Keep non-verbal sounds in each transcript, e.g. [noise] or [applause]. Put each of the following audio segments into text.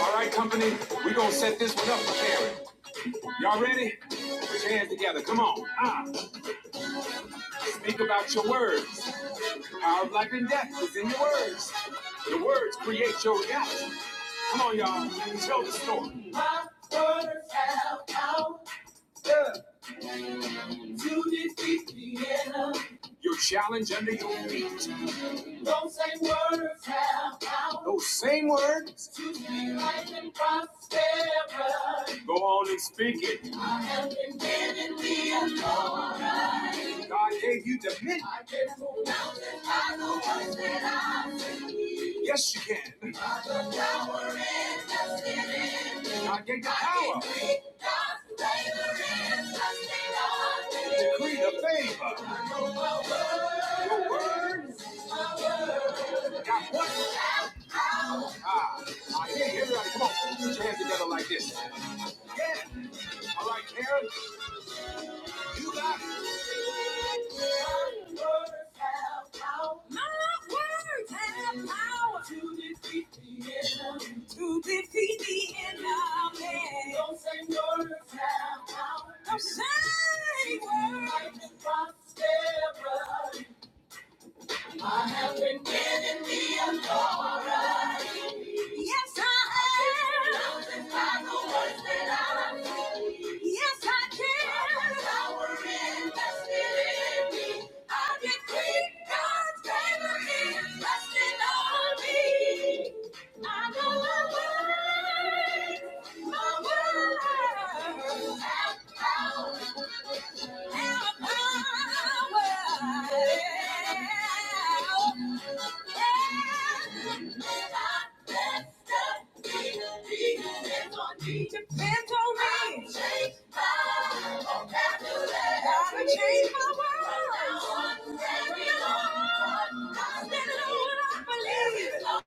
All right, company, we gonna set this one up for Karen. Y'all ready? Put your hands together. Come on. Speak about your words. Power of life and death is in your words. The words create your reality. Come on, y'all. Tell the story. My words have power. Yeah. Judith Christiana. Your challenge under your feet. Those same words have power. Those same words. To speak life and prosperity. Go on and speak it. I have been given the authority. God gave you dominion. I can move mountains by the words that Yes, you can. I got power in the city. I get the power. Decree the favor. Your word. What? Ah, I hear you. Everybody, come on. Put your hands together like this. All right, Karen, you got it. To defeat the enemy. Don't say words have power. Don't say words. Like the I have been given the authority. Yes, I am. Mountains by the words that I Yes, I can. Power invested in me. I decree God's favor is resting on me. I know my words, My words Have power. Have power. Depends on me. Change my vocabulary. Gotta change my world. Every Lord, I stand on what I believe.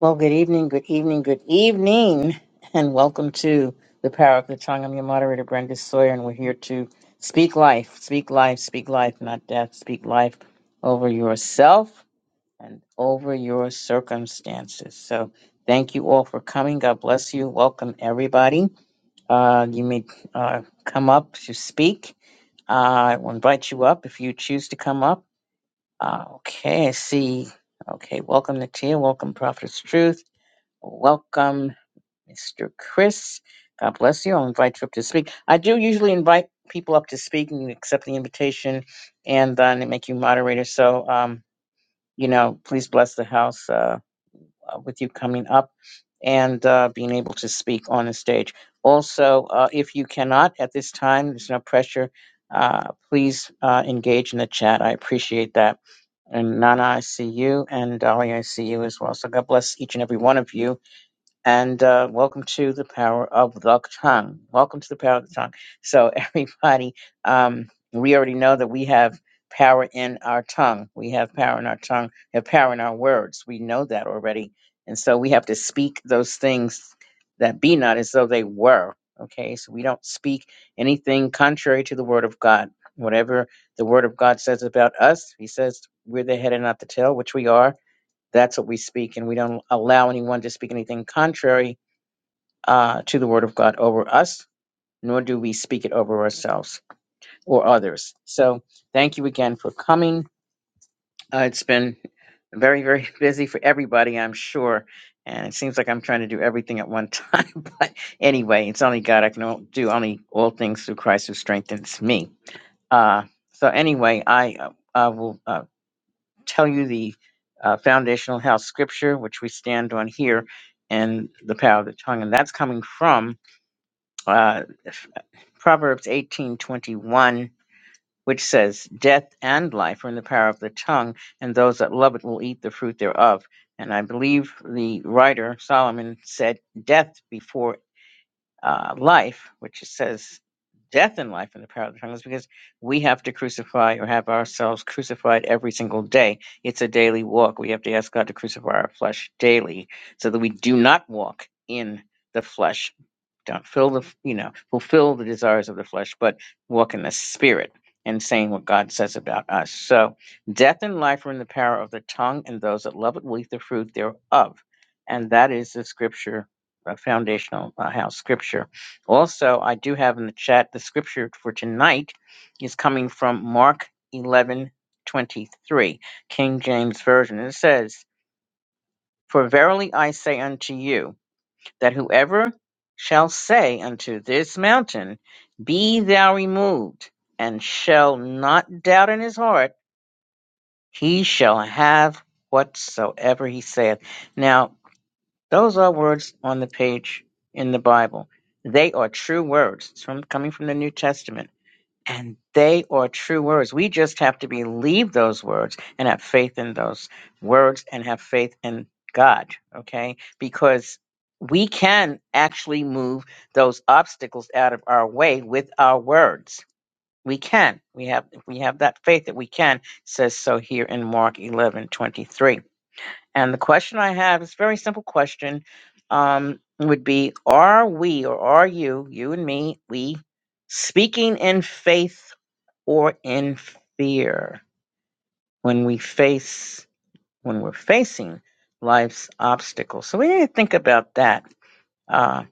Well, good evening, good evening, good evening, and welcome to the Power of the Tongue. I'm your moderator, Brenda Sawyer, and we're here to speak life, speak life, speak life, not death, speak life over yourself. and over your circumstances. So thank you all for coming. God bless you. Welcome everybody. Uh, you may uh, come up to speak. Uh, I will invite you up if you choose to come up. Uh, okay, I see. Okay, welcome Natia. Welcome Prophet's Truth. Welcome Mr. Chris. God bless you. I'll invite you up to speak. I do usually invite people up to speak and you accept the invitation and then they make you moderator. So um, you know, please bless the house. Uh, uh, with you coming up and uh, being able to speak on the stage. Also, uh, if you cannot at this time, there's no pressure. Uh, please uh, engage in the chat. I appreciate that. And Nana, I see you, and Dolly, I see you as well. So God bless each and every one of you and uh, welcome to the power of the tongue. Welcome to the power of the tongue. So, [laughs] everybody, um, we already know that we have power in our tongue. We have power in our tongue. We have power in our words. We know that already, and so we have to speak those things that be not as though they were. Okay, so we don't speak anything contrary to the word of God. Whatever the word of God says about us, He says we're the head and not the tail, which we are that's what we speak, and we don't allow anyone to speak anything contrary uh, to the word of God over us, nor do we speak it over ourselves or others. So thank you again for coming. Uh, it's been very, very [laughs] busy for everybody, I'm sure. And it seems like I'm trying to do everything at one time. [laughs] But anyway, it's only God. I can all- do only all things through Christ who strengthens me. Uh, so anyway, I uh, I will. uh, tell you the uh, foundational health scripture, which we stand on here, and the power of the tongue. And that's coming from uh, Proverbs 18:21, which says, "Death and life are in the power of the tongue, and those that love it will eat the fruit thereof." And I believe the writer Solomon said, "Death before uh, life, which it says death and life in the power of the tongue, is because we have to crucify or have ourselves crucified every single day. It's a daily walk. We have to ask God to crucify our flesh daily so that we do not walk in the flesh don't fill the you know fulfill the desires of the flesh but walk in the spirit and saying what god says about us so death and life are in the power of the tongue and those that love it will eat the fruit thereof and that is the scripture a foundational uh, house scripture also i do have in the chat the scripture for tonight is coming from mark eleven twenty three, king james version and it says for verily i say unto you that whoever shall say unto this mountain, Be thou removed, and shall not doubt in his heart, he shall have whatsoever he saith. Now, those are words on the page in the Bible. They are true words. It's from coming from the New Testament and they are true words. We just have to believe those words and have faith in those words and have faith in God, okay? Because we can actually move those obstacles out of our way with our words. We can. We have we have that faith that we can, says so here in Mark eleven twenty three. And the question I have is a very simple question. Um, would be are we or are you, you and me, we speaking in faith or in fear when we face when we're facing life's obstacles. So we need to think about that. Uh,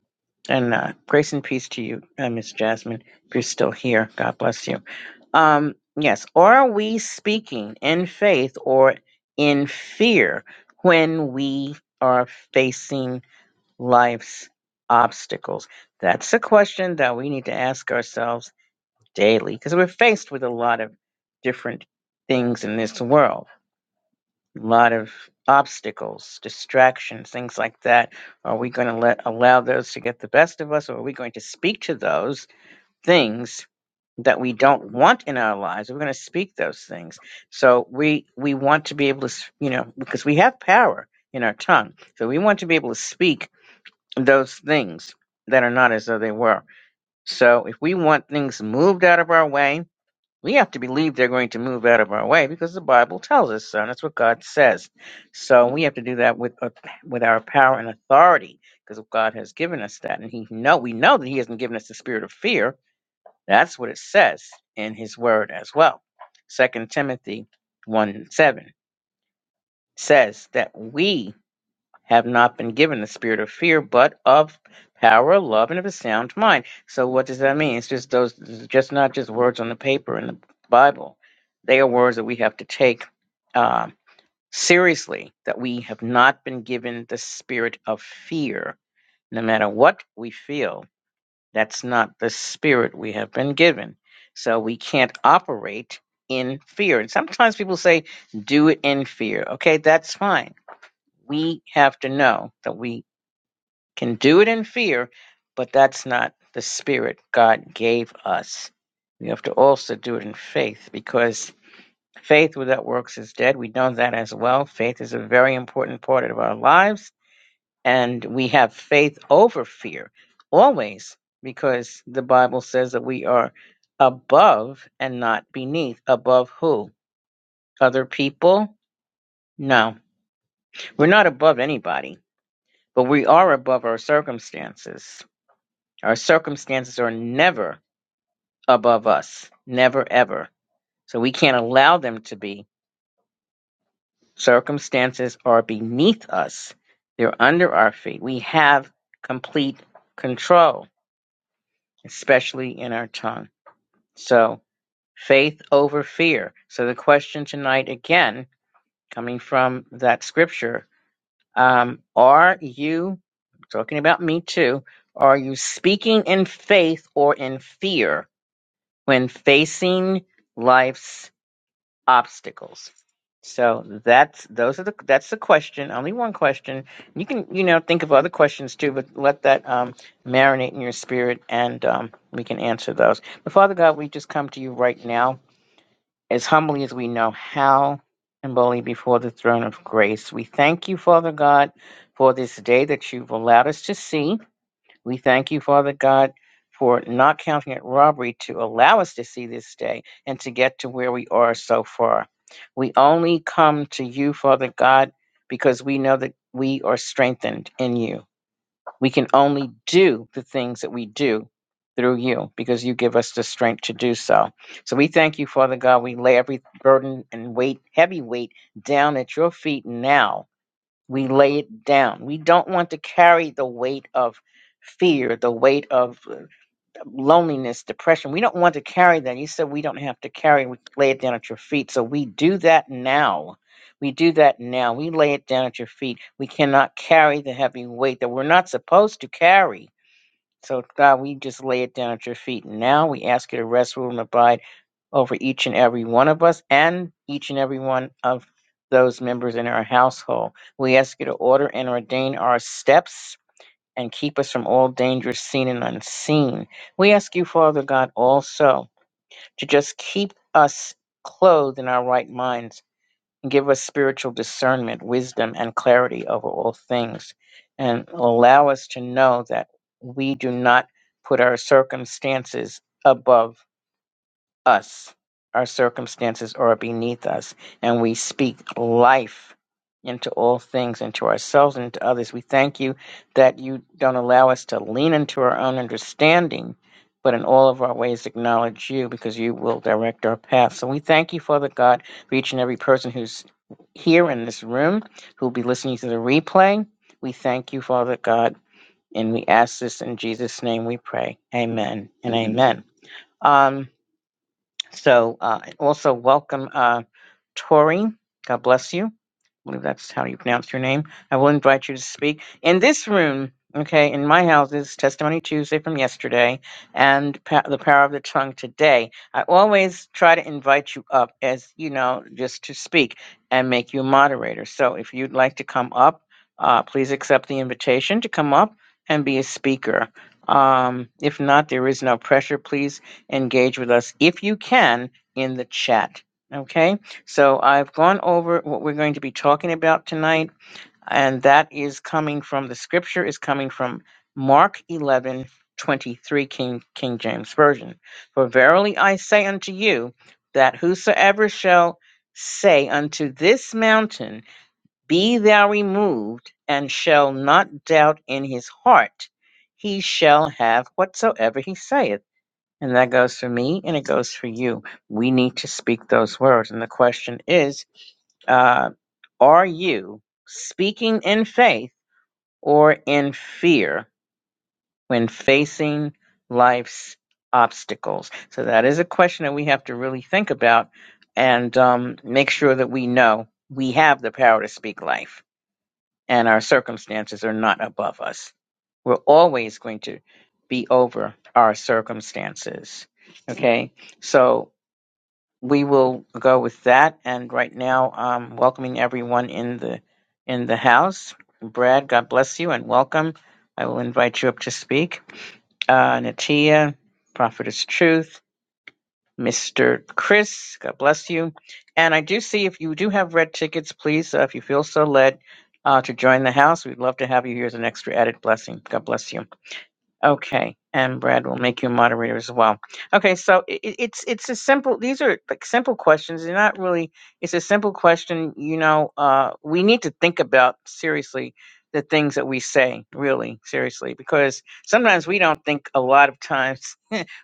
and uh, grace and peace to you, uh, Miss Jasmine. If you're still here, God bless you. Um, yes, are we speaking in faith or in fear when we are facing life's obstacles? That's a question that we need to ask ourselves daily because we're faced with a lot of different things in this world, a lot of obstacles, distractions, things like that. Are we going to let allow those to get the best of us, or are we going to speak to those things that we don't want in our lives? We're going to speak those things. So we we want to be able to, s- you know, because we have power in our tongue, so we want to be able to speak those things that are not as though they were. So if we want things moved out of our way, we have to believe they're going to move out of our way because the Bible tells us so. And that's what God says. So we have to do that with uh, with our power and authority because God has given us that. And He know we know that He hasn't given us the spirit of fear. That's what it says in His Word as well. Second Timothy one and seven says that we have not been given the spirit of fear, but of power, love, and of a sound mind. So what does that mean? It's just those, it's just not just words on the paper in the Bible. They are words that we have to take uh, seriously. That we have not been given the spirit of fear, no matter what we feel. That's not the spirit we have been given. So we can't operate in fear. And sometimes people say, "Do it in fear." Okay, that's fine we have to know that we can do it in fear, but that's not the spirit God gave us. We have to also do it in faith because faith without works is dead. We know that as well. Faith is a very important part of our lives, and we have faith over fear always because the Bible says that we are above and not beneath. Above who? Other people? No. We're not above anybody, but we are above our circumstances. Our circumstances are never above us, never ever. So we can't allow them to be. Circumstances are beneath us, they're under our feet. We have complete control, especially in our tongue. So faith over fear. So the question tonight, again, coming from that scripture, um, are you talking about me too? Are you speaking in faith or in fear? when facing life's obstacles. So that's those are the that's the question. Only one question. You can you know think of other questions too, but let that um, marinate in your spirit, and um, we can answer those. But Father God, we just come to you right now as humbly as we know how, and boldly before the throne of grace. We thank you, Father God, for this day that you've allowed us to see. We thank you, Father God, for not counting it robbery to allow us to see this day and to get to where we are so far. We only come to you, Father God, because we know that we are strengthened in you. We can only do the things that we do through you because you give us the strength to do so. So we thank you, Father God. We lay every burden and weight, heavy weight, down at your feet now we lay it down. We don't want to carry the weight of fear, the weight of uh, loneliness, depression. We don't want to carry that. You said we don't have to carry, it. we lay it down at your feet. So we do that now. We do that now. We lay it down at your feet. We cannot carry the heavy weight that we're not supposed to carry. So, God, we just lay it down at your feet. Now we ask you to rest, rule, and abide over each and every one of us and each and every one of those members in our household. We ask you to order and ordain our steps and keep us from all dangers seen and unseen. We ask you, Father God, also to just keep us clothed in our right minds and give us spiritual discernment, wisdom, and clarity over all things, and allow us to know that we do not put our circumstances above us. Our circumstances are beneath us, and we speak life into all things, into ourselves and into others. We thank you that you don't allow us to lean into our own understanding, but in all of our ways acknowledge you because you will direct our path. So we thank you, Father God, for each and every person who's here in this room, who will be listening to the replay. We thank you, Father God, and we ask this in Jesus' name we pray. Amen and amen. Um, so uh, also welcome. Uh, Tori, God bless you. I believe that's how you pronounce your name. I will invite you to speak in this room. Okay, in my house is Testimony Tuesday from yesterday and pa- the power of the tongue today. I always try to invite you up as you know, just to speak and make you a moderator. So if you'd like to come up, uh, please accept the invitation to come up and be a speaker. Um, if not, there is no pressure. Please engage with us if you can in the chat. Okay so I've gone over what we're going to be talking about tonight, and that is coming from the scripture is coming from Mark 11 23 King King James Version. For verily I say unto you that whosoever shall say unto this mountain, Be thou removed, and shall not doubt in his heart, he shall have whatsoever he saith. And that goes for me and it goes for you. We need to speak those words. And the question is, uh, are you speaking in faith or in fear when facing life's obstacles? So that is a question that we have to really think about and um, make sure that we know we have the power to speak life and our circumstances are not above us. We're always going to be over our circumstances. Okay. So we will go with that. And right now, um, welcoming everyone in the in the house. Brad, God bless you and welcome. I will invite you up to speak. Uh, Natia, Prophetess Truth, Mr. Chris, God bless you. And I do see if you do have red tickets, please, uh, if you feel so led uh, to join the house, we'd love to have you here as an extra added blessing. God bless you. Okay, and Brad will make you a moderator as well. Okay, so i it's it's a simple. These are like simple questions. They're not really. It's a simple question. You know, uh, we need to think about seriously the things that we say, really seriously, because sometimes we don't think a lot of [laughs] times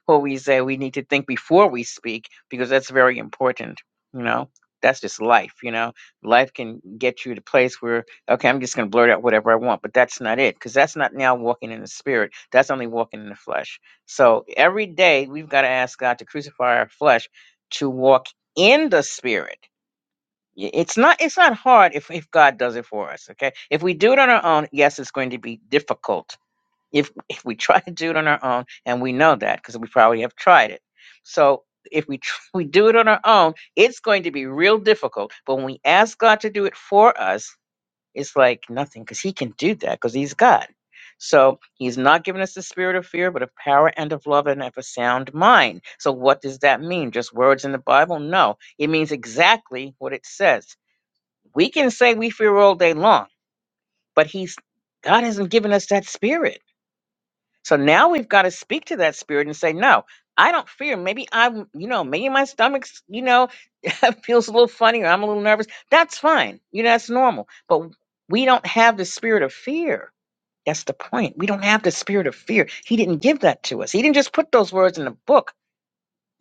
always say we need to think before we speak because that's very important you know that's just life you know life can get you to a place where okay i'm just going to blurt out whatever i want but that's not it because that's not now walking in the spirit that's only walking in the flesh so every day we've got to ask god to crucify our flesh to walk in the spirit Y- it's not it's not hard if, if god does it for us okay if we do it on our own yes it's going to be difficult if if we try to do it on our own, and we know that because we probably have tried it. So if we tr- [laughs] we do it on our own, it's going to be real difficult. But when we ask God to do it for us, it's like nothing because He can do that because He's God. So He's not giving us the spirit of fear, but of power and of love and of a sound mind. So what does that mean? Just words in the Bible? No, it means exactly what it says. We can say we fear all day long, but He's God hasn't given us that spirit. So now we've got to speak to that spirit and say, no, I don't fear. Maybe I'm, you know, maybe my stomach's, you know, [laughs] feels a little funny or I'm a little nervous. That's fine. You know, that's normal. But we don't have the spirit of fear. That's the point. We don't have the spirit of fear. He didn't give that to us. He didn't just put those words in the book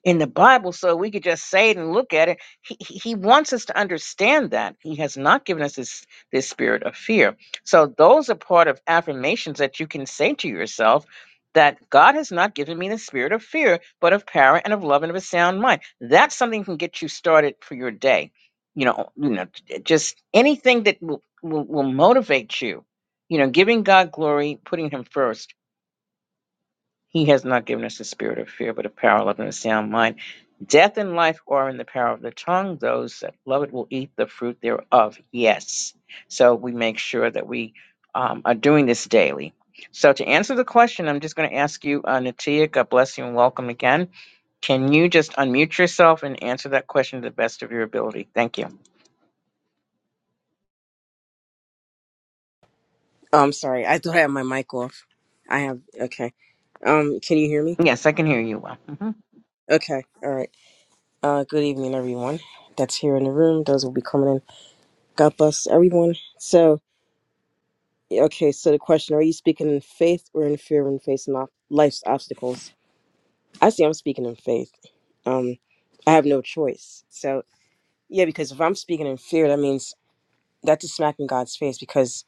in the Bible, so we could just say it and look at it. He, he he wants us to understand that he has not given us this this spirit of fear. So those are part of affirmations that you can say to yourself that God has not given me the spirit of fear, but of power and of love and of a sound mind. That's something that can get you started for your day. You know, you know, j- just anything that will will, will motivate you. You know, giving God glory, putting Him first he has not given us the spirit of fear, but of power, love, and a sound mind. Death and life are in the power of the tongue. Those that love it will eat the fruit thereof. Yes. So we make sure that we um, are doing this daily. So to answer the question, I'm just going to ask you, uh, Natia, God bless you and welcome again. Can you just unmute yourself and answer that question to the best of your ability? Thank you. Oh, I'm sorry. I thought I had my mic off. I have okay. Um, can you hear me? Yes, I can hear you well. hmm Okay. All right. Uh, good evening, everyone. That's here in the room. Those will be coming in. God bless everyone. So, okay. So the question: Are you speaking in faith or in fear when facing off life's obstacles? I see. I'm speaking in faith. Um, I have no choice. So yeah, because if I'm speaking in fear, that means that's a smack in God's face. Because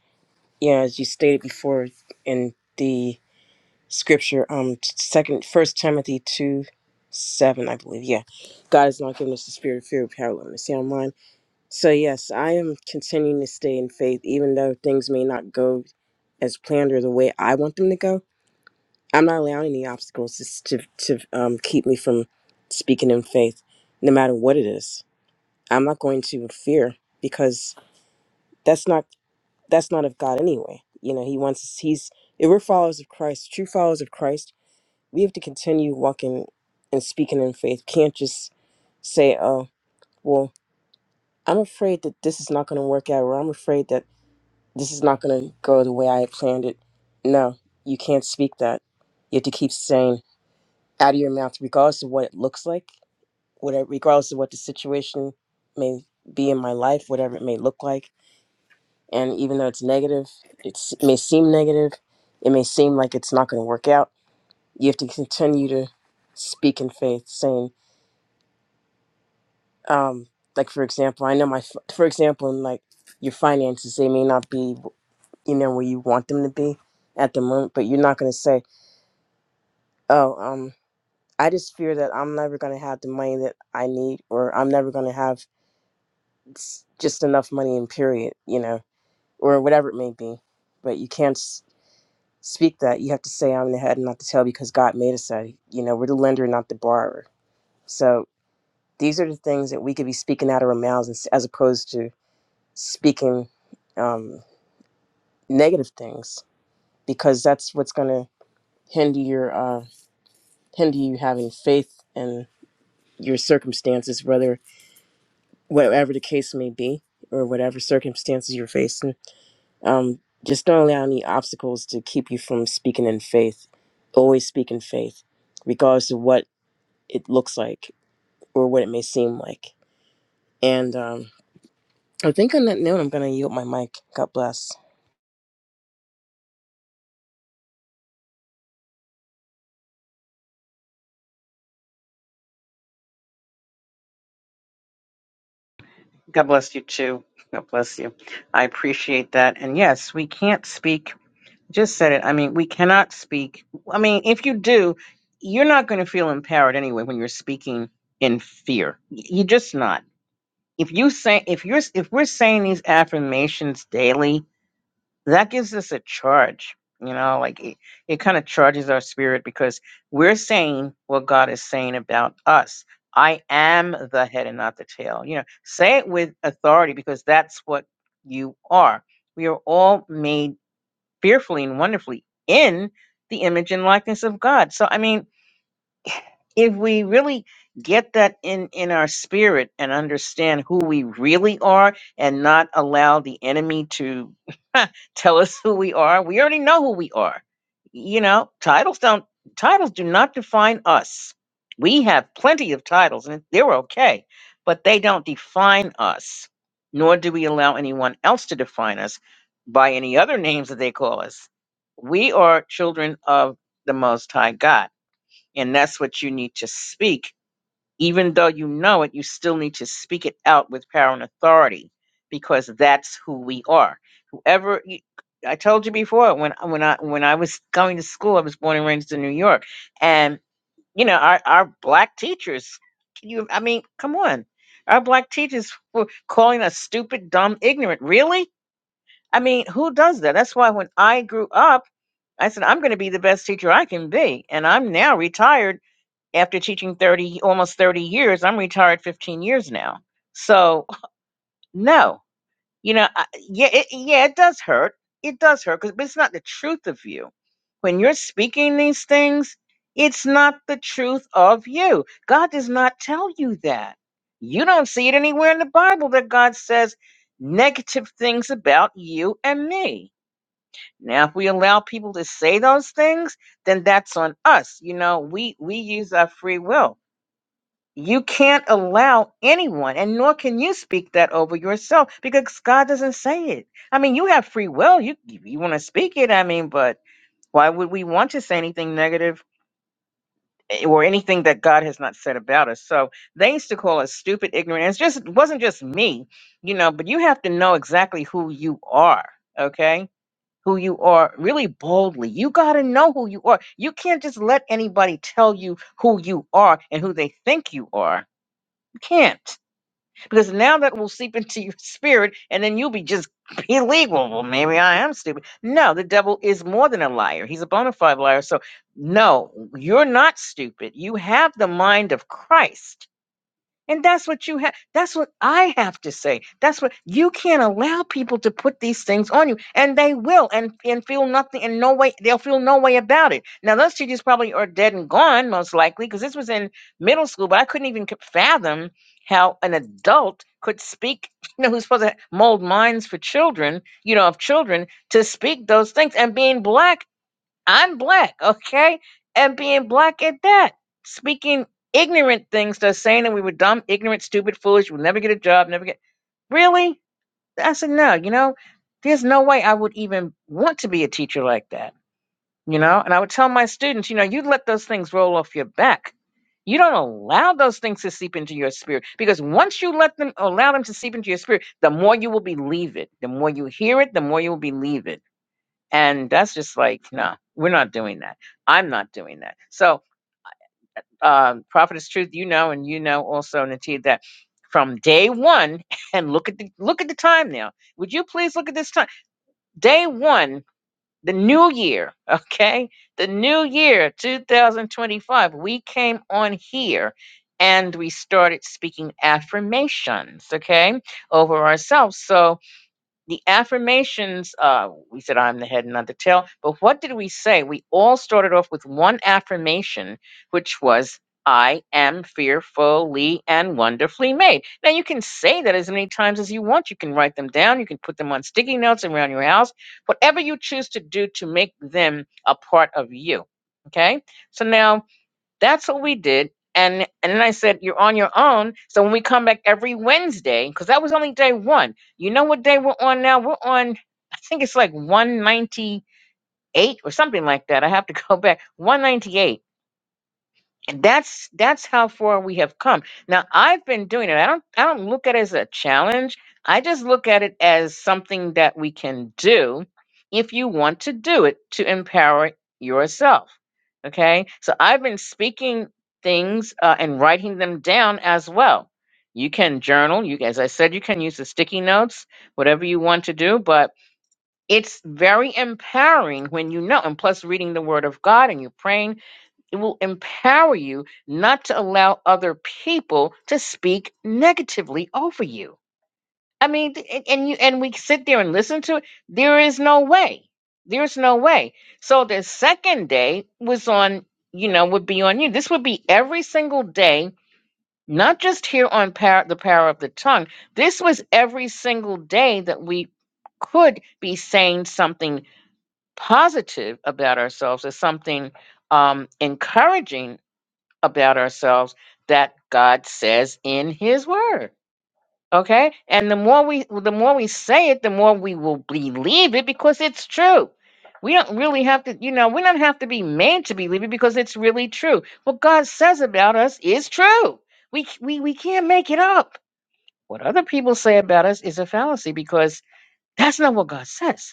yeah, as you stated before in the scripture um second first timothy 2 7 i believe yeah god has not given us the spirit of fear of paralysis see i'm lying so yes i am continuing to stay in faith even though things may not go as planned or the way i want them to go i'm not allowing any obstacles to, to, to um, keep me from speaking in faith no matter what it is i'm not going to fear because that's not that's not of god anyway you know he wants us he's if we're followers of christ true followers of christ we have to continue walking and speaking in faith. Can't just say, oh, well, I'm afraid that this is not going to work out, or I'm afraid that this is not going to go the way I had planned it. No, you can't speak that. You have to keep saying out of your mouth, regardless of what it looks like, whatever, regardless of what the situation may be in my life, whatever it may look like. And even though it's negative, it's, it may seem negative, it may seem like it's not going to work out. You have to continue to speak in faith, saying, um like for example i know my f- for example in like your finances they may not be you know where you want them to be at the moment but you're not going to say oh um i just fear that i'm never going to have the money that i need or i'm never going to have s- just enough money in period you know or whatever it may be but you can't s- speak that you have to say i'm the head and not the tail because god made us that you know we're the lender not the borrower so these are the things that we could be speaking out of our mouths as as opposed to speaking um, negative things because that's what's going to hinder your uh, hinder you having faith in your circumstances, whether whatever the case may be or whatever circumstances you're facing. Um, just don't allow any obstacles to keep you from speaking in faith. Always speak in faith, regardless of what it looks like or what it may seem like. And um, I think on that note, I'm going to yield my mic. God bless. God bless you too. God bless you. I appreciate that. And yes, we can't speak. just said it. I mean, we cannot speak. I mean, if you do, you're not going to feel empowered anyway when you're speaking in fear. Y- You're just not. If you say if you're if we're saying these affirmations daily, that gives us a charge. You know, like it, it kind of charges our spirit because we're saying what God is saying about us. I am the head and not the tail. You know, say it with authority because that's what you are. We are all made fearfully and wonderfully in the image and likeness of God. So, I mean, if we really get that in in our spirit and understand who we really are and not allow the enemy to [laughs] tell us who we are we already know who we are you know titles don't titles do not define us we have plenty of titles and they're okay but they don't define us nor do we allow anyone else to define us by any other names that they call us we are children of the most high god and that's what you need to speak. Even though you know it, you still need to speak it out with power and authority because that's who we are. Whoever you, I told you before, when when I when I was going to school, I was born and raised in New York, and you know our our black teachers. Can you? I mean, come on, our black teachers were calling us stupid, dumb, ignorant. Really? I mean, who does that? That's why when I grew up, I said I'm going to be the best teacher I can be, and I'm now retired after teaching 30 almost 30 years i'm retired 15 years now so no you know I, yeah it, yeah it does hurt it does hurt because it's not the truth of you when you're speaking these things it's not the truth of you god does not tell you that you don't see it anywhere in the bible that god says negative things about you and me now if we allow people to say those things then that's on us you know we we use our free will you can't allow anyone, and nor can you speak that over yourself because God doesn't say it. I mean, you have free will. You you want to speak it. I mean, but why would we want to say anything negative eh, or anything that God has not said about us? So they used to call us stupid, ignorant. And It's just it wasn't just me, you know. But you have to know exactly who you are. Okay. Who you are really boldly. You got to know who you are. You can't just let anybody tell you who you are and who they think you are. You can't because now that will seep into your spirit and then you'll be just [laughs] being Well, maybe I am stupid. No, the devil is more than a liar. He's a bona fide liar. So, no, you're not stupid. You have the mind of Christ and that's what you have. That's what I have to say. That's what you can't allow people to put these things on you, and they will, and and feel nothing, and no way they'll feel no way about it. Now those teachers probably are dead and gone, most likely, because this was in middle school. But I couldn't even c- fathom how an adult could speak, [laughs] you know, who's supposed to mold minds for children, you know, of children to speak those things. And being black, I'm black, okay? And being black at that, speaking ignorant things, they saying that we were dumb, ignorant, stupid, foolish, we'll never get a job, never get. Really? I said, no, you know, there's no way I would even want to be a teacher like that, you know? And I would tell my students, you know, you let those things roll off your back. You don't allow those things to seep into your spirit because once you let them allow them to seep into your spirit, the more you will believe it. The more you hear it, the more you will believe it and that's just like, no, we're not doing that. I'm not doing that. So, um, Prophet is truth, you know, and you know also, Natia, that from day one, [laughs] and look at the look at the time now. Would you please look at this time? Day one, the new year, [laughs] okay? The new year, 2025. We came on here and we started speaking affirmations, okay, over ourselves. So the affirmations uh we said i'm the head and not the tail but what did we say we all started off with one affirmation which was i am fearfully and wonderfully made now you can say that as many times as you want you can write them down you can put them on sticky notes around your house whatever you choose to do to make them a part of you okay so now that's what we did. And and then I said, You're on your own. So when we come back every Wednesday, because that was only day one. You know what day we're on now? We're on, I think it's like 198 or something like that. I have to [laughs] go back. 198 and that's that's how far we have come. Now I've been doing it. I don't I don't look at it as a challenge. I just look at it as something that we can do if you want to do it to empower yourself. Okay? So I've been speaking things uh, and writing them down as well. You can journal, you as I said you can use the sticky notes, whatever you want to do, but it's very empowering when you know and plus reading the word of God and you're praying it will empower you not to allow other people to speak negatively over you. I mean, th- and, and you and we sit there and listen to it. There is no way. There's no way. So the second day was on, you know, would be on you. This would be every single day, not just here on power, the power of the tongue. This was every single day that we could be saying something positive about ourselves or something um, encouraging about ourselves that God says in his word. Okay? And the more we the more we say it, the more we will believe it because it's true. We don't really have to, you know, we don't have to be made to believe it because it's really true. What God says about us is true. We c- we we can't make it up. What other people say about us is a fallacy because that's not what God says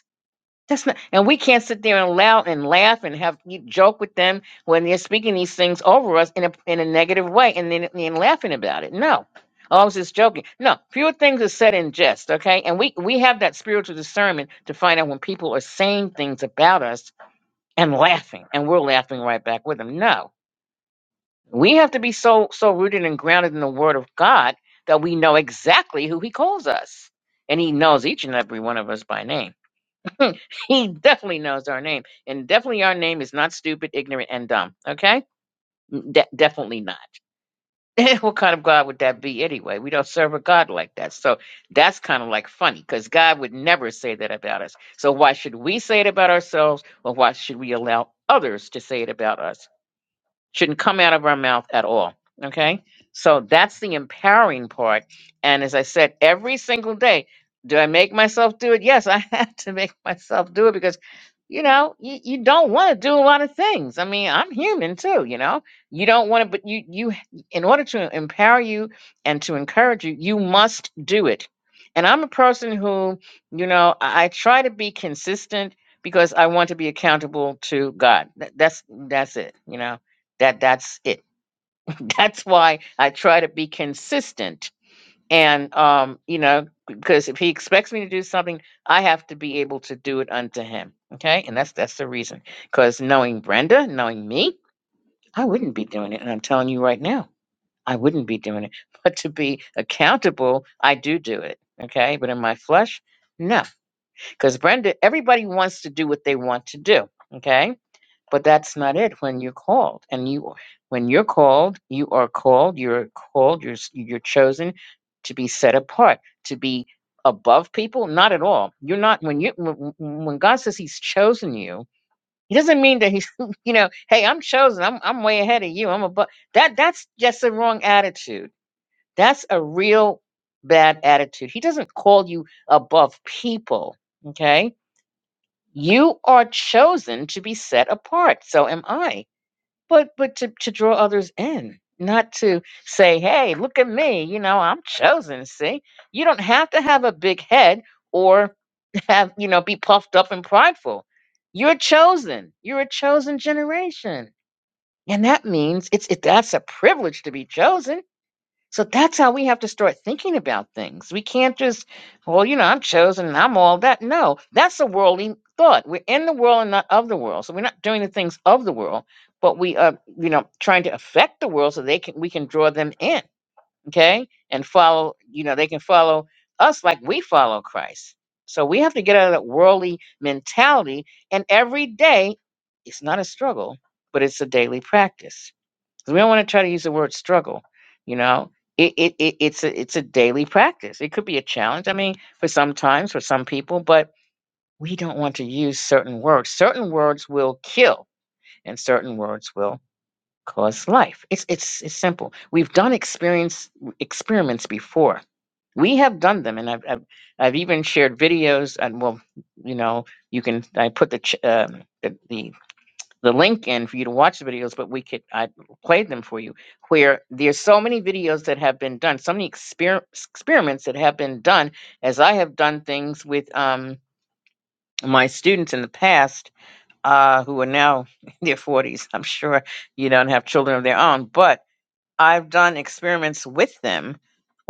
that's not, and we can't sit there and laugh and laugh and have you joke with them when they're speaking these things over us in a in a negative way and then and laughing about it. No, oh, I was just joking. No, fewer things are said in jest. Okay, and we we have that spiritual discernment to find out when people are saying things about us and laughing, and we're laughing right back with them. No, we have to be so so rooted and grounded in the Word of God that we know exactly who He calls us, and He knows each and every one of us by name. Hmm, he definitely knows our name. And definitely our name is not stupid, ignorant, and dumb. Okay? Mm, De- definitely not. [laughs] what kind of God would that be anyway? We don't serve a God like that. So that's kind of like funny because God would never say that about us. So why should we say it about ourselves? Or why should we allow others to say it about us? shouldn't come out of our mouth at all. Okay. So that's the empowering part. And as I said, every single day, do I make myself do it? Yes, I [laughs] have to make myself do it because, you know, you, you don't want to do a lot of things. I mean, I'm human too, you know, you don't want to, but you, you, in order to empower you and to encourage you, you must do it. And I'm a person who, you know, I, I try to be consistent because I want to be accountable to God. That- That's, that's it, you know that that's it [laughs] that's why i try to be consistent and um you know because if he expects me to do something i have to be able to do it unto him okay and that's that's the reason because knowing brenda knowing me i wouldn't be doing it and i'm telling you right now i wouldn't be doing it [laughs] but to be accountable i do do it okay but in my flesh no because brenda everybody wants to do what they want to do okay but that's not it when you're called. And you when you're called, you are called, you're called, you're s- you're chosen to be set apart, to be above people, not at all. You're not when you when when God says he's chosen you, he doesn't mean that he's [laughs] you know, hey, I'm chosen. I'm I'm way ahead of you. I'm above. That that's just a wrong attitude. That's a real bad attitude. He doesn't call you above people, okay? You are chosen to be set apart. So am I but but to, to draw others in not to say hey look at me you know i'm chosen see you don't have to have a big head or [laughs] have you know be puffed up and prideful you're chosen you're a chosen generation and that means it's it, that's a privilege to be chosen so that's how we have to start thinking about things. We can't just, well, you know, I'm chosen and I'm all that. No, that's a worldly thought. We're in the world and not of the world. So we're not doing the things of the world, but we are, you know, trying to affect the world so they can we can draw them in, okay? And follow, you know, they can follow us like we follow Christ. So we have to get out of that worldly mentality. And every day, it's not a struggle, but it's a daily practice. So we don't want to try to use the word struggle. You know, it, it, it it's a it's a daily practice. It could be a challenge. I mean, for some times, for some people, but we don't want to use certain words. Certain words will kill, and certain words will cause life. It's it's it's simple. We've done experience experiments before. We have done them, and I've I've, I've even shared videos. And well, you know, you can I put the ch- um, the, the the link in for you to watch the videos, but we could I played them for you. Where there's so many videos that have been done, so many exper- experiments that have been done, as I have done things with um my students in the past, uh, who are now [laughs] in their 40s. I'm sure you don't have children of their own, but I've done experiments with them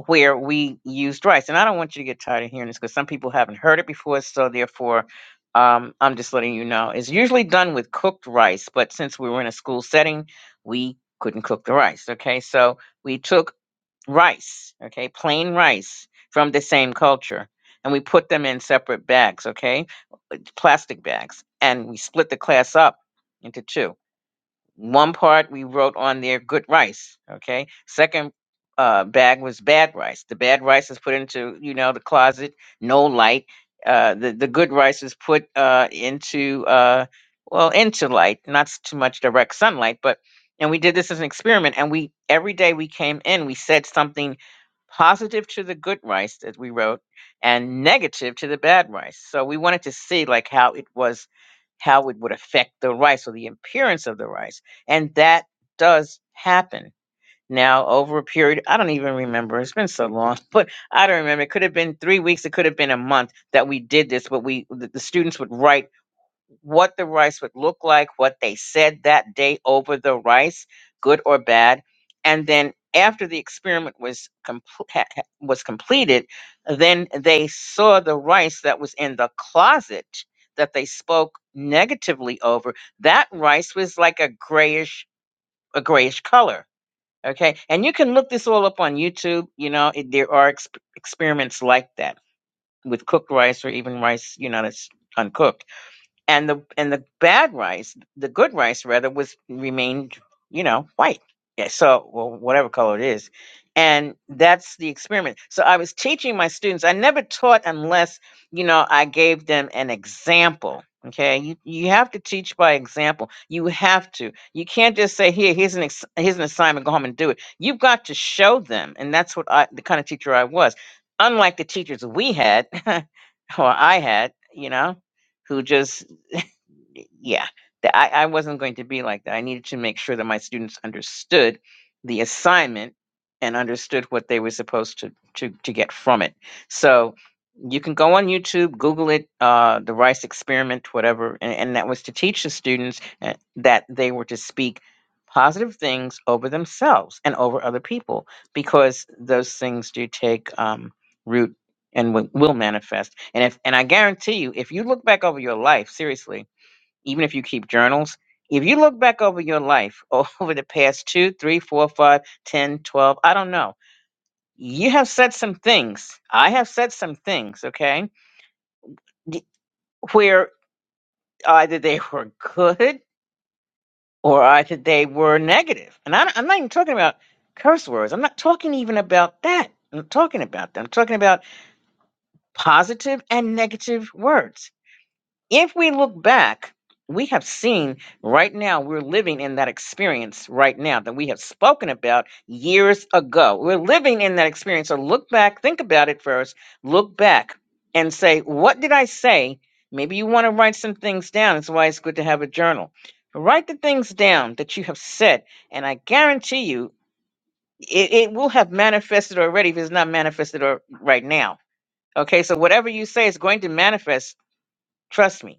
where we used rice. And I don't want you to get tired of hearing this because some people haven't heard it before. So, therefore, um, I'm just letting you know. It's usually done with cooked rice, but since we were in a school setting, we couldn't cook the rice. Okay. So, we took rice, okay, plain rice from the same culture, and we put them in separate bags, okay, plastic bags, and we split the class up into two one part we wrote on there good rice. Okay. Second uh, bag was bad rice. The bad rice is put into you know the closet, no light. Uh, the the good rice is put uh, into uh, well into light, not s- too much direct sunlight, but and we did this as an experiment. And we every day we came in, we said something positive to the good rice that we wrote and negative to the bad rice. So we wanted to see like how it was how it would affect the rice or the appearance of the rice. And that does happen. Now over a period I don't even remember. It's been so long, [laughs] but I don't remember. It could have been 3 weeks, it could have been a month that we did this, but we the, the students would write what the rice would look like, what they said that day over the rice, good or bad. And then after the experiment was complete, was completed, then they saw the rice that was in the closet that they spoke negatively over. That rice was like a grayish a grayish color. Okay, and you can look this all up on YouTube. You know, it, there are exp- experiments like that with cooked rice or even rice, you know, that's uncooked and the and the bad rice, the good rice rather, was remained, you know, white. Yeah, so well, whatever color it is, and that's the experiment. So I was teaching my students. I never taught unless you know I gave them an example. Okay, you you have to teach by example. You have to. You can't just say here, here's an ex- here's an assignment, go home and do it. You've got to show them, and that's what I the kind of teacher I was. Unlike the teachers we had, [laughs] or I had, you know, who just y- yeah, that I, I wasn't going to be like that. I needed to make sure that my students understood the assignment and understood what they were supposed to to to get from it. So you can go on YouTube, Google it, uh, the Rice Experiment, whatever, and, and that was to teach the students uh, that they were to speak positive things over themselves and over other people because those things do take um, root and will will manifest. And if and I guarantee you, if you look back over your life, seriously even if you keep journals, if you look back over your life [laughs] over the past two, three, four, five, ten, twelve, I don't know, you have said some things. I have said some things, okay, d- where either they [laughs] were good or either they were negative. And I, I'm not even talking about curse words. I'm not talking even about that. I'm not talking about that. I'm talking about positive and negative words If we look back, we have seen right now, we're living in that experience right now that we have spoken about years ago. We're living in that experience. So look back, think about it first, look back and say, What did I say? Maybe you want to write some things down. That's why it's good to have a journal. Write the things down that you have said, and I guarantee you it, it will have manifested already if it's not manifested or, right now. Okay, so whatever you say is going to manifest. Trust me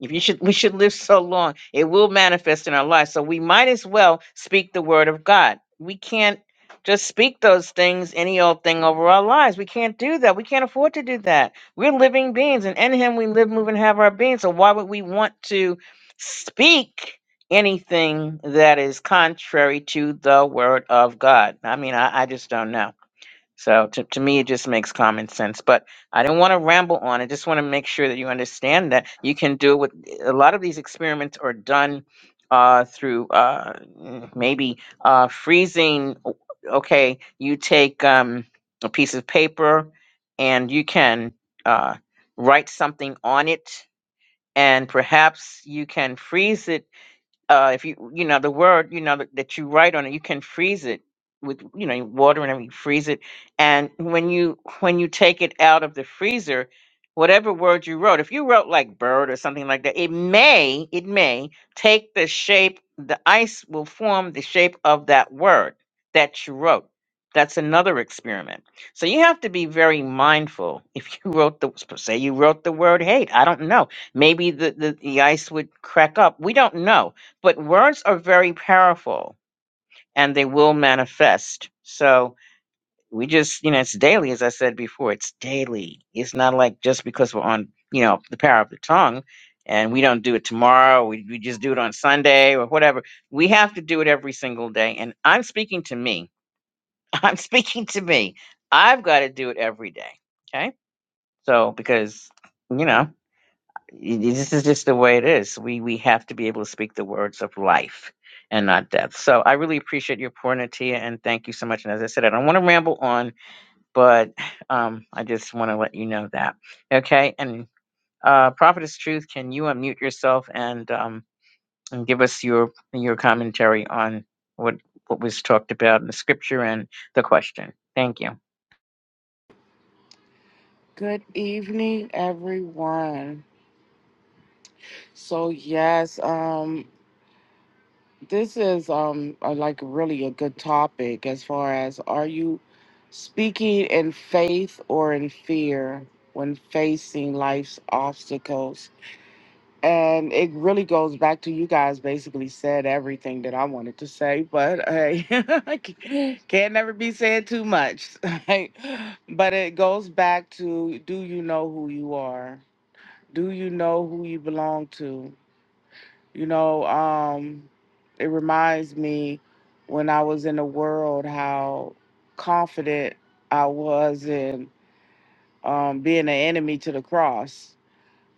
if you should, we should live so long, it will manifest in our lives. So we might as well speak the word of God. We can't just speak those things, any old thing over our lives. We can't do that. We can't afford to do that. We're living beings, and in Him we live, move, and have our being. So why would we want to speak anything that is contrary to the word of God? I mean, I, I just don't know. So to, to me, it just makes common sense. But I don't want to ramble on. I just want to make sure that you understand that you can do it with a lot of these experiments are done uh, through uh, mm, maybe uh, freezing. O- Okay, you take um, a piece of paper and you can uh, write something on it, and perhaps you can freeze it uh, if you you know the word you know that, that you write on it you can freeze it with you know water and everything freeze it and when you when you take it out of the freezer whatever word you wrote if you wrote like bird or something like that it may it may take the shape the ice will form the shape of that word that you wrote that's another experiment so you have to be very mindful [laughs] if you wrote the say you wrote the word hate i don't know maybe the, the the ice would crack up we don't know but words are very powerful and they will manifest. So we just, you know, it's daily, as I said before, it's daily. It's not like just because we're on, you know, the power of the tongue and we don't do it tomorrow, we, we just do it on Sunday or whatever. We have to do it every single day. And I'm speaking to me. [laughs] I'm speaking to me. I've got to do it every day. Okay. So, because, you know, this is just the way it is. We we have to be able to speak the words of life and not death. So I really appreciate your pour, Natia, and thank you so much. And as I said, I don't want to ramble on, but um, I just want to let you know that. Okay, and uh, Prophetess Truth, can you unmute yourself and um, and give us your your commentary on what what was talked about in the scripture and the question? Thank you. Good evening, everyone. So yes, um, this is um a, like really a good topic as far as are you speaking in faith or in fear when facing life's obstacles? And it really goes back to you guys basically said everything that I wanted to say, but hey, [laughs] I can't can't never be said too much. [laughs] right? But it goes back to do you know who you are? do you know who you belong to you know um it reminds me when i was in the world how confident i was in um being an enemy to the cross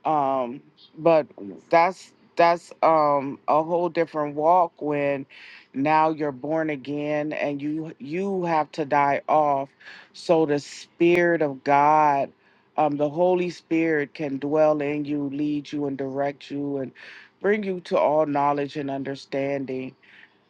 um but that's that's um a whole different walk when now you're born again and you you have to die off so the spirit of god um the holy spirit can dwell in you lead you and direct you and bring you to all knowledge and understanding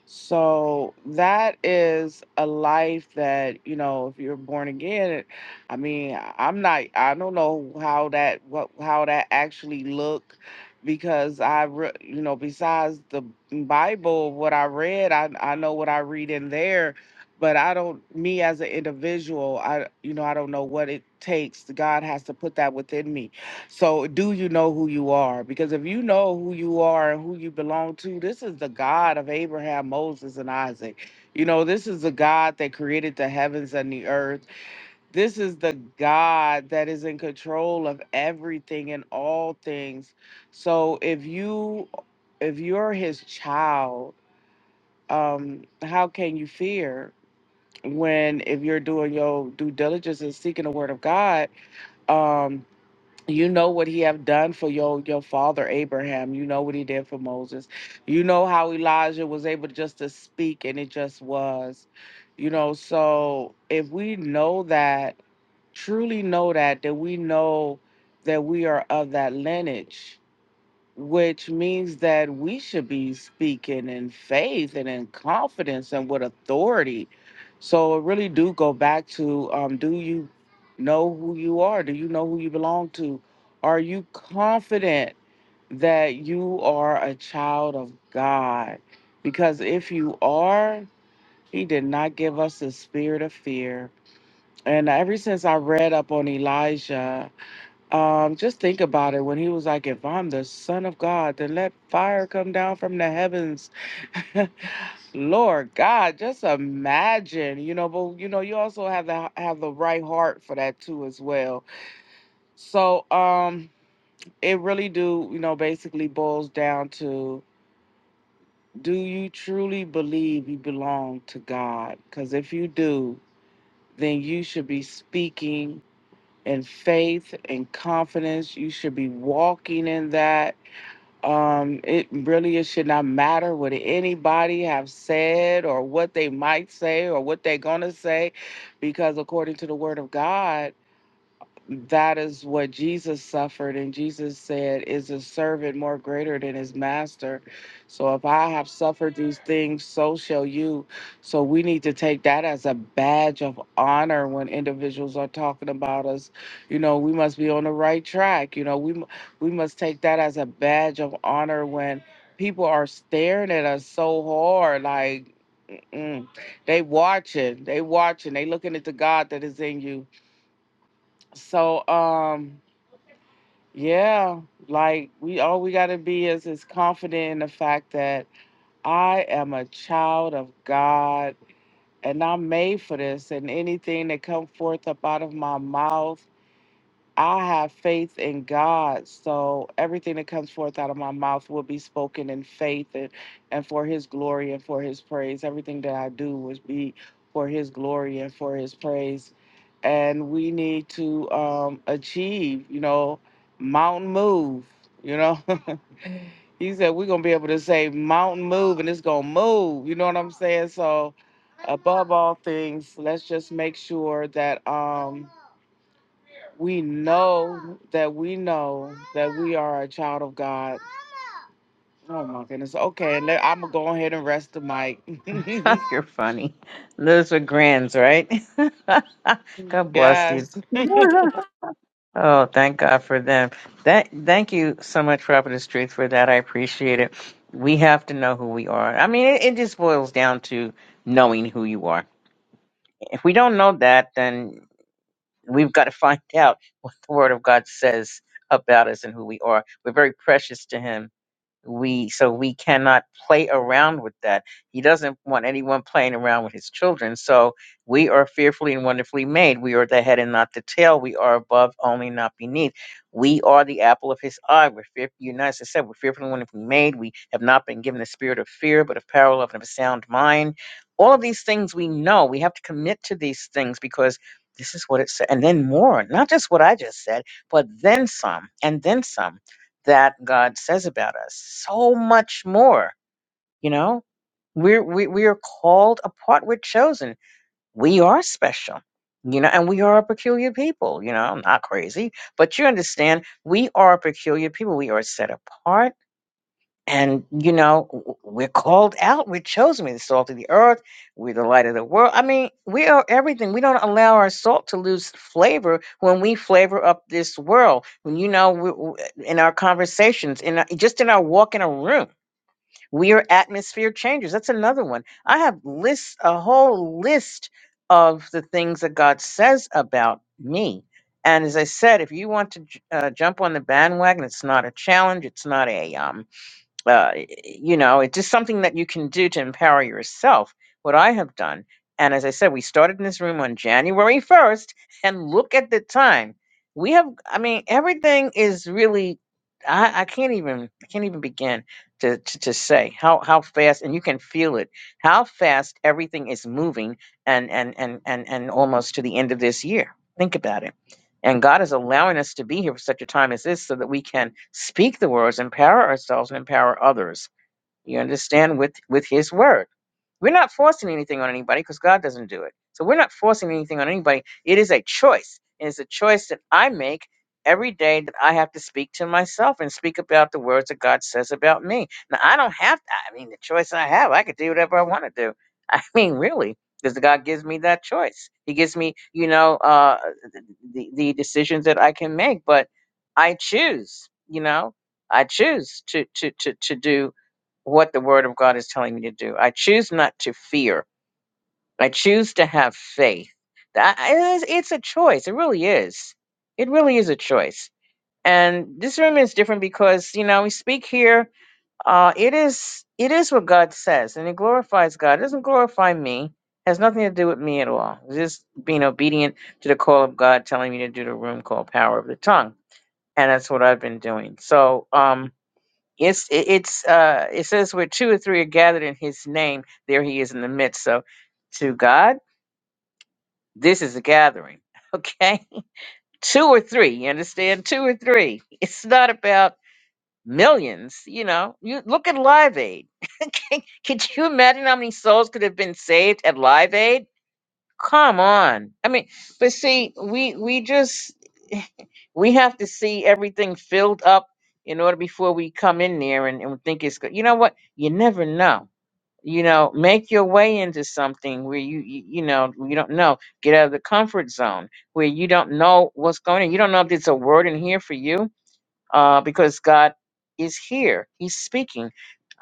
so that is a life that, you know, if you're born again, it- I mean, I- I'm not I don't know how that what how that actually look because I re, you know, besides the Bible what I read, I I know what I read in there, but I don't me as an individual, I you know, I don't know what it takes. God has to put that within me so, do you know who you are? Because if you know who you are and who you belong to, this is the God of Abraham, Moses, and Isaac. You know, this is the God that created the heavens and the earth. This is the God that is in control of everything and all things. So, if you if you're his child, um, how can you fear when if you're doing your due diligence and seeking the word of God? Um, you know what he have done for your your father Abraham. You know what he did for Moses. You know how Elijah was able to just to speak and it just was. You know, so if we know that, truly know that, that we know that we are of that lineage which means that we should be speaking in faith and in confidence and with authority. So it really do go back to um, do you know who you are? Do you know who you belong to? Are you confident that you are a child of God? Because if you are, he did not give us the spirit of fear. And ever since I read up on Elijah, um, just think about it. When he was like, "If I'm the Son of God, then let fire come down from the heavens," [laughs] Lord God, just imagine, you know. But you know, you also have to have the right heart for that too, as well. So, um, it really do, you know, basically boils down to: Do you truly believe you belong to God? Because if you do, then you should be speaking in faith and confidence. You should be walking in that um, it really it should not matter what anybody have said or what they might say or what they're gonna say, because according to the word of God that is what Jesus suffered. And Jesus said, Is a servant more greater than his master? So if I have suffered these things, so shall you. So we need to take that as a badge of honor when individuals are talking about us. You know, we must be on the right track. You know, we, mu- we must take that as a badge of honor when people are staring at us so hard. Like, mm, they watching, they watching, they looking at the God that is in you. So, um, yeah, like we all we got to be is is confident in the fact that I am a child of God and I'm made for this and anything that come forth up out of my mouth I have faith in God, so everything that comes forth out of my mouth will be spoken in faith and, and for His glory and for His praise. Everything that I do will be for His glory and for His praise. And we need to um, achieve, you know, mountain move. You know, [laughs] He said we're gonna be able to say mountain move, and it's gonna move. You know what I'm saying? So, above all things, let's just make sure that. Um, we know that we know that we are a child of God. Oh my goodness. Okay, I'm gonna go ahead and rest the mic. [laughs] You're funny. Those are grins, right? [laughs] God [laughs] bless you. yes, [laughs] Oh, thank God for them. That thank you so much, Prophetess Truth, for that. I appreciate it. We have to know who we are. I mean, it, it just boils down to knowing who you are. If we don't know that, then we've got to [laughs] find out what the Word of God says about us and who we are. We're very precious to Him we so we cannot play around with that he doesn't want anyone playing around with his children so we are fearfully and wonderfully made we are the head and not the tail we are above only not beneath we are the apple of his eye we're fearful united as said we're fearfully and wonderfully made we have not been given the spirit of fear but of power love and of a sound mind all of these things we know we have to commit to these things because this is what it said and then more not just what i just said but then some and then some that God says about us. So much more, you know? We're, we, we are called apart. We're chosen. We are special, you know, and we are a peculiar people, you know, I'm not crazy, but you understand, we are a peculiar people. We are set apart and you know, w- we're called out. We're chosen. We're the salt of the earth. We're the light of the world. I mean, we are everything. We don't allow our salt to lose flavor when we flavor up this world. When you know, we, w- in our conversations, in our, just in our walk in a room, we are atmosphere changers. That's another one. I have lists, a whole list of the things that God says about me. And as I said, if you want to j- uh, jump on the bandwagon, it's not a challenge. It's not a um, uh, you know, it's just something that you can do to empower yourself. What I have done, and as I said, we started in this room on January 1st, and look at the time. We have, I mean, everything is really. I, I can't even, I can't even begin to, to to say how how fast, and you can feel it, how fast everything is moving, and and and and and almost to the end of this year. Think about it and God is allowing us to be here for such a time as this so that we can speak the words, empower ourselves and empower others. You understand with with his word. We're not forcing anything on anybody because God doesn't do it. So we're not forcing anything on anybody. It is a choice. And it's a choice that I make every day that I have to speak to myself and speak about the words that God says about me. Now, I don't have to. I mean, the choice I have, I could do whatever I want to do. [laughs] I mean, really, because God gives me that choice. He gives me, you know, uh, the, the decisions that I can make, but I choose, you know, I choose to, to, to, to do what the word of God is telling me to do. I choose not to fear. I choose to have faith. That is, it's a choice. It really is. It really is a choice. And this room is different because you know we speak here. Uh, it is it is what God says, and it glorifies God. It doesn't glorify me. Has nothing to do with me at all. It's just being obedient to the call of God, telling me to do the room called Power of the Tongue, and that's what I've been doing. So um, it's it- it's uh it says where two or three are gathered in his name, there he is in the midst. So to God, this is a gathering. [laughs] Okay? Two or three, you understand? Two or three. It's not about millions, you know. You look at Live Aid. Could you imagine how many souls could have been saved at Live Aid? Come on. I mean, but see, we we just we have to see everything filled up in order before we come in there and, and think it's good. You know what? You never know you know make your way into something where you you, you know you don't know get out of the comfort zone where you don't know what's going on you don't know if there's a word in here for you uh because god is here he's speaking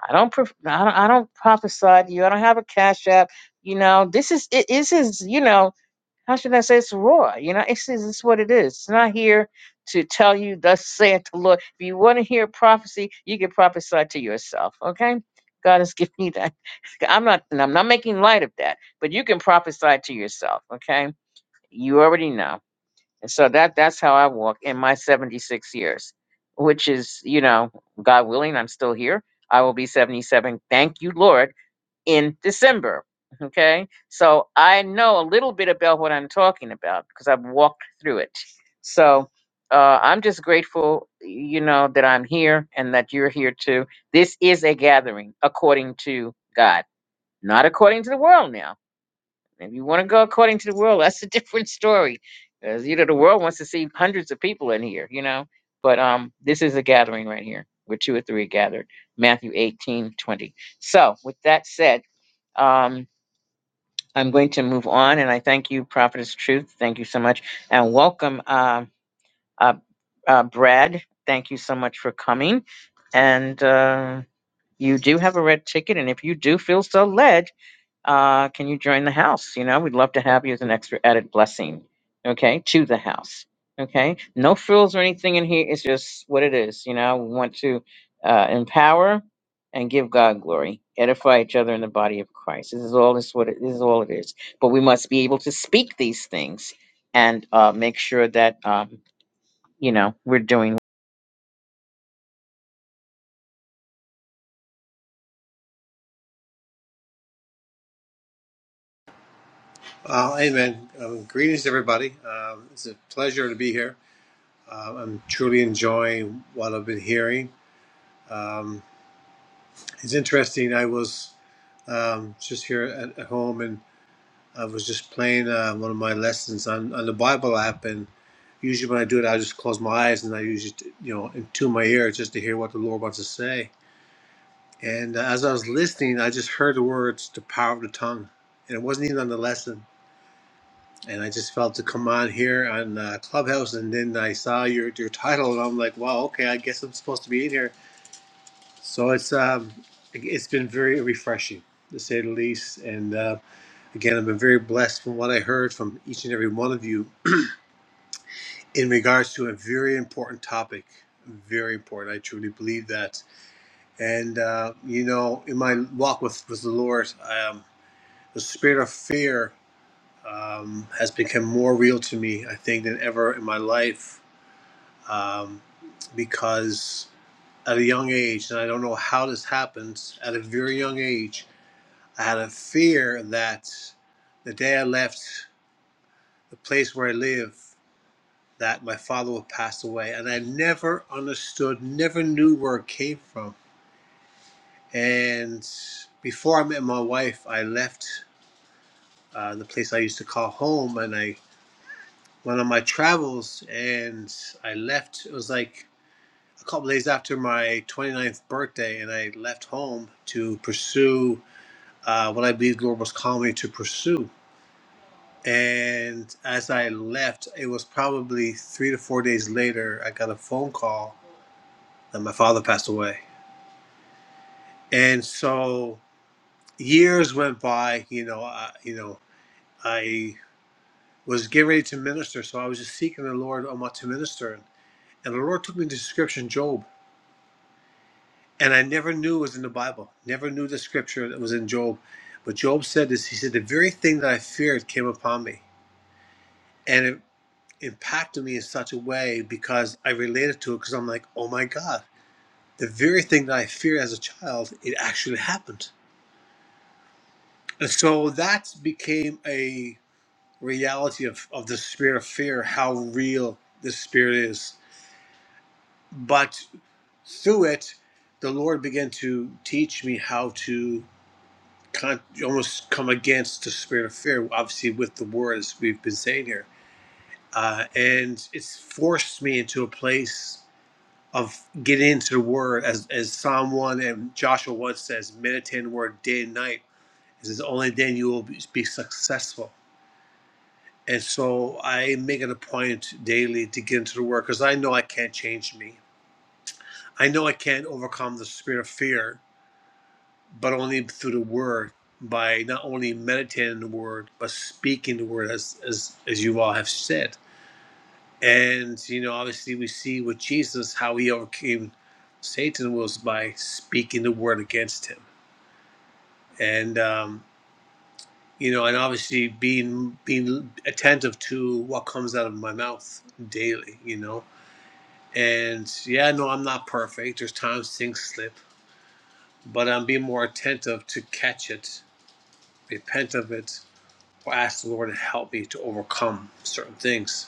i don't prof- i don't, I don't prophesy to you i don't have a cash app you know this is it, this is you know how should I say it's raw? You know, it's, it's what it is. It's not here to tell you, thus saith the Lord. If you want to hear prophecy, you can prophesy to yourself. Okay? God has [laughs] given you that. [laughs] I'm not and I'm not making light of that, but you can prophesy to yourself, okay? You already know. And so that that's how I walk in my 76 years, which is, you know, God willing, I'm still here. I will be 77. Thank you, Lord in December. Okay, so I know a little bit about what I'm talking about because I've walked through it. So uh, I'm just grateful, you know, that I'm here and that you're here too. This is a gathering according to God, not according to the world now if you want to go according to the world, that's a different story. Because you know the world wants to see hundreds of people in here, you know. But um, this is a gathering right here where two or three are gathered. Matthew 18 20. So with that said, um, I'm going to move on and I thank you, Prophetess Truth. Thank you so much. And welcome uh, uh, uh Brad. Thank you so much for coming. And uh you do have a red ticket, and if you do feel so led, uh, can you join the house? You know, we'd love to have you as an extra added blessing, okay, to the house, okay? No frills or anything in here. It's just what it is, you know. We want to uh, empower and give God glory, edify each other in the body of Christ. This is all this what it, this is all it is. But we must be able to speak these things and uh, make sure that um, you know we're doing. Uh, amen. Um, greetings, everybody. Um, it's a pleasure to be here. Um, I'm truly enjoying what I've been hearing. It's interesting. I was um, just here at, at home and I was just playing uh, one of my lessons on, on the Bible app. And usually when I do it, I just close my eyes and I usually, you know, into my ear just to hear what the Lord wants to say. And uh, as I was listening, I just heard the words, the power of the tongue. And it wasn't even on the lesson and I just felt to come on here on uh, Clubhouse, and then I saw your your title, and I'm like, wow, okay, I guess I'm supposed to be in here. So it's um, it's been very refreshing to say the least, and uh, again, I've been very blessed from what I heard from each and every one of you in regards to a very important topic. Very important. I truly believe that, and uh, you know, in my walk with with the Lord, um, the spirit of fear um, has become more real to me, I think, than ever in my life um, because at a young age, and I don't know how this happens, at a very young age, I had a fear that the day I left the place where I live, that my father would pass away. And I never understood, never knew where it came from. And before I met my wife, I left uh, the place I used to call home and I went on my travels and I left. It was like a couple days after my 29th birthday, and I left home to pursue uh, what I believe the Lord was calling me to pursue. And as I left, it was probably three to four days later, I got a phone call that my father passed away. And so years went by. You know, I, you know, I was getting ready to minister, so I was just seeking the Lord on what to minister, and the Lord took me to the Scripture Description Job and I never knew it was in the Bible. Never knew the scripture that was in Job. But Job said this. He said, "The very thing that I feared came upon me, and it impacted me in such a way because I related to it. Because I'm like, oh my God, the very thing that I feared as a child, it actually happened. And so that became a reality of of the spirit of fear, how real this spirit is. But through it, the Lord began to teach me how to." con- almost come against the spirit of fear, obviously with the words we've been saying here. Uh, and it's forced me into a place of getting into the word as, as Psalm 1 and Joshua 1 says, meditate on the word day and night. It says, only then you will be, be successful. And so I make it a point daily to get into the word because I know I can't change me. I know I can't overcome the spirit of fear but only through the word by not only meditating the word but speaking the word as as, as you all have said and you know obviously we see with jesus how he overcame satan was by speaking the word against him and um you know and obviously being being attentive to what comes out of my mouth daily you know and yeah no i'm not perfect there's times things slip but i'm being more attentive to catch it repent of it or ask the Lord to help me to overcome certain things.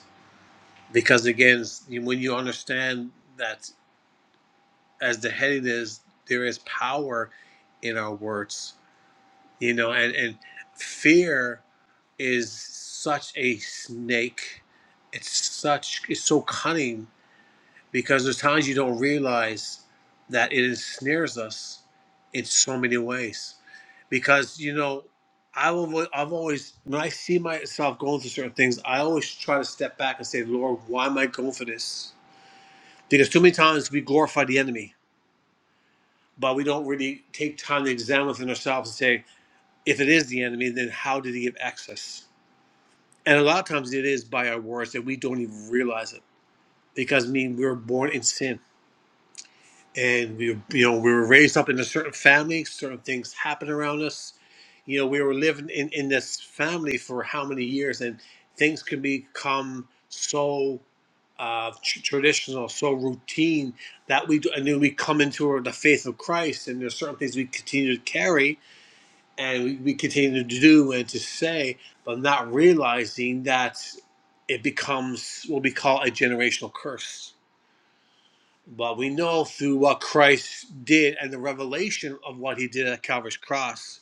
Because again, when you understand that, as the heading is, there is power in our words, you know, and, and fear is such a snake. It's such, it's so cunning because there's times you don't realize that it ensnares us in so many ways. Because you know, I will. I've always when I see myself going through certain things, I always try to step back and say, Lord, why am I going for this? Because too many times we glorify the enemy, but we don't really take time to examine within ourselves and say, if it is the enemy, then how did he give access? And a lot of times it is by our words that we don't even realize it. Because I mean we were born in sin and we you know we were raised up in a certain family certain things happened around us you know we were living in in this family for how many years and things can become so uh, tr- traditional so routine that we do, and then we come into the faith of christ and there's certain things we continue to carry and we, we continue to do and to say but not realizing that it becomes what we call a generational curse but we know through what Christ did and the revelation of what he did at Calvary's cross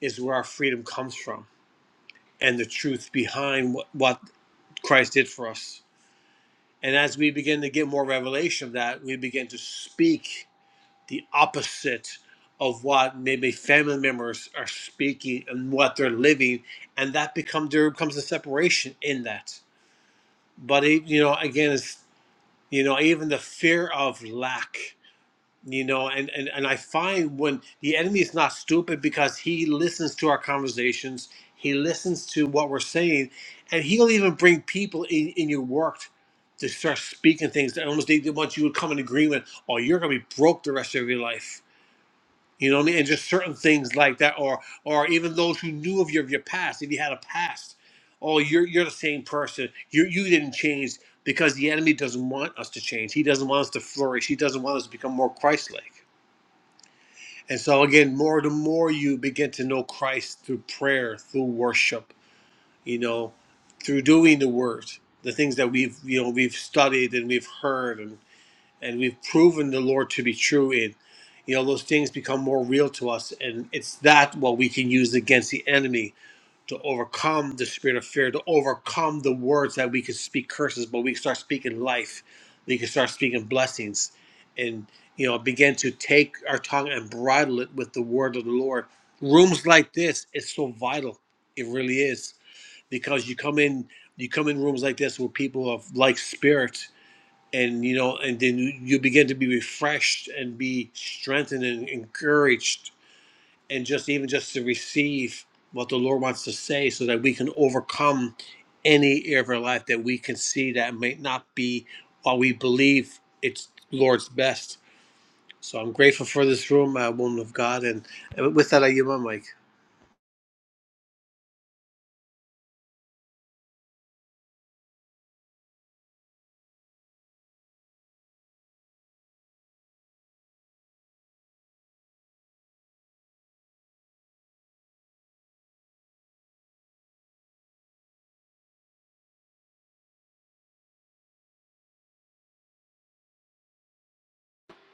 is where our freedom comes from and the truth behind what, what Christ did for us. And as we begin to get more revelation of that, we begin to speak the opposite of what maybe family members are speaking and what they're living, and that become there becomes a separation in that. But it, you know, again, it's you know, even the fear of lack you know and, and and i find when the enemy is not stupid because he listens to our conversations he listens to what we're saying and he'll even bring people in, in your work to start speaking things that almost they they want you to come in agreement or you're going to be broke the rest of your life you know what i mean and just certain things like that or or even those who knew of your, of your past if you had a past oh you're you're the same person you you didn't change because the enemy doesn't want us to change he doesn't want us to flourish he doesn't want us to become more christ-like and so again, more the more you begin to know Christ through prayer, through worship, you know, through doing the word, the things that we've you know we've studied and we've heard and and we've proven the Lord to be true in, you know, those things become more real to us, and it's that what we can use against the enemy to overcome the spirit of fear, to overcome the words that we could speak curses, but we can start speaking life. We can start speaking blessings and, you know, begin to take our tongue and bridle it with the word of the Lord. Rooms like this is so vital. It really is because you come in, you come in rooms like this with people of like spirit and, you know, and then you you begin to be refreshed and be strengthened and encouraged and just even just to receive what the Lord wants to say so that we can overcome any area of our life that we can see that might not be what we believe it's Lord's best. So I'm grateful for this room, uh, woman of God. And, and with that, I give my mic.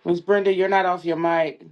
Miss Brenda, you're not off your mic.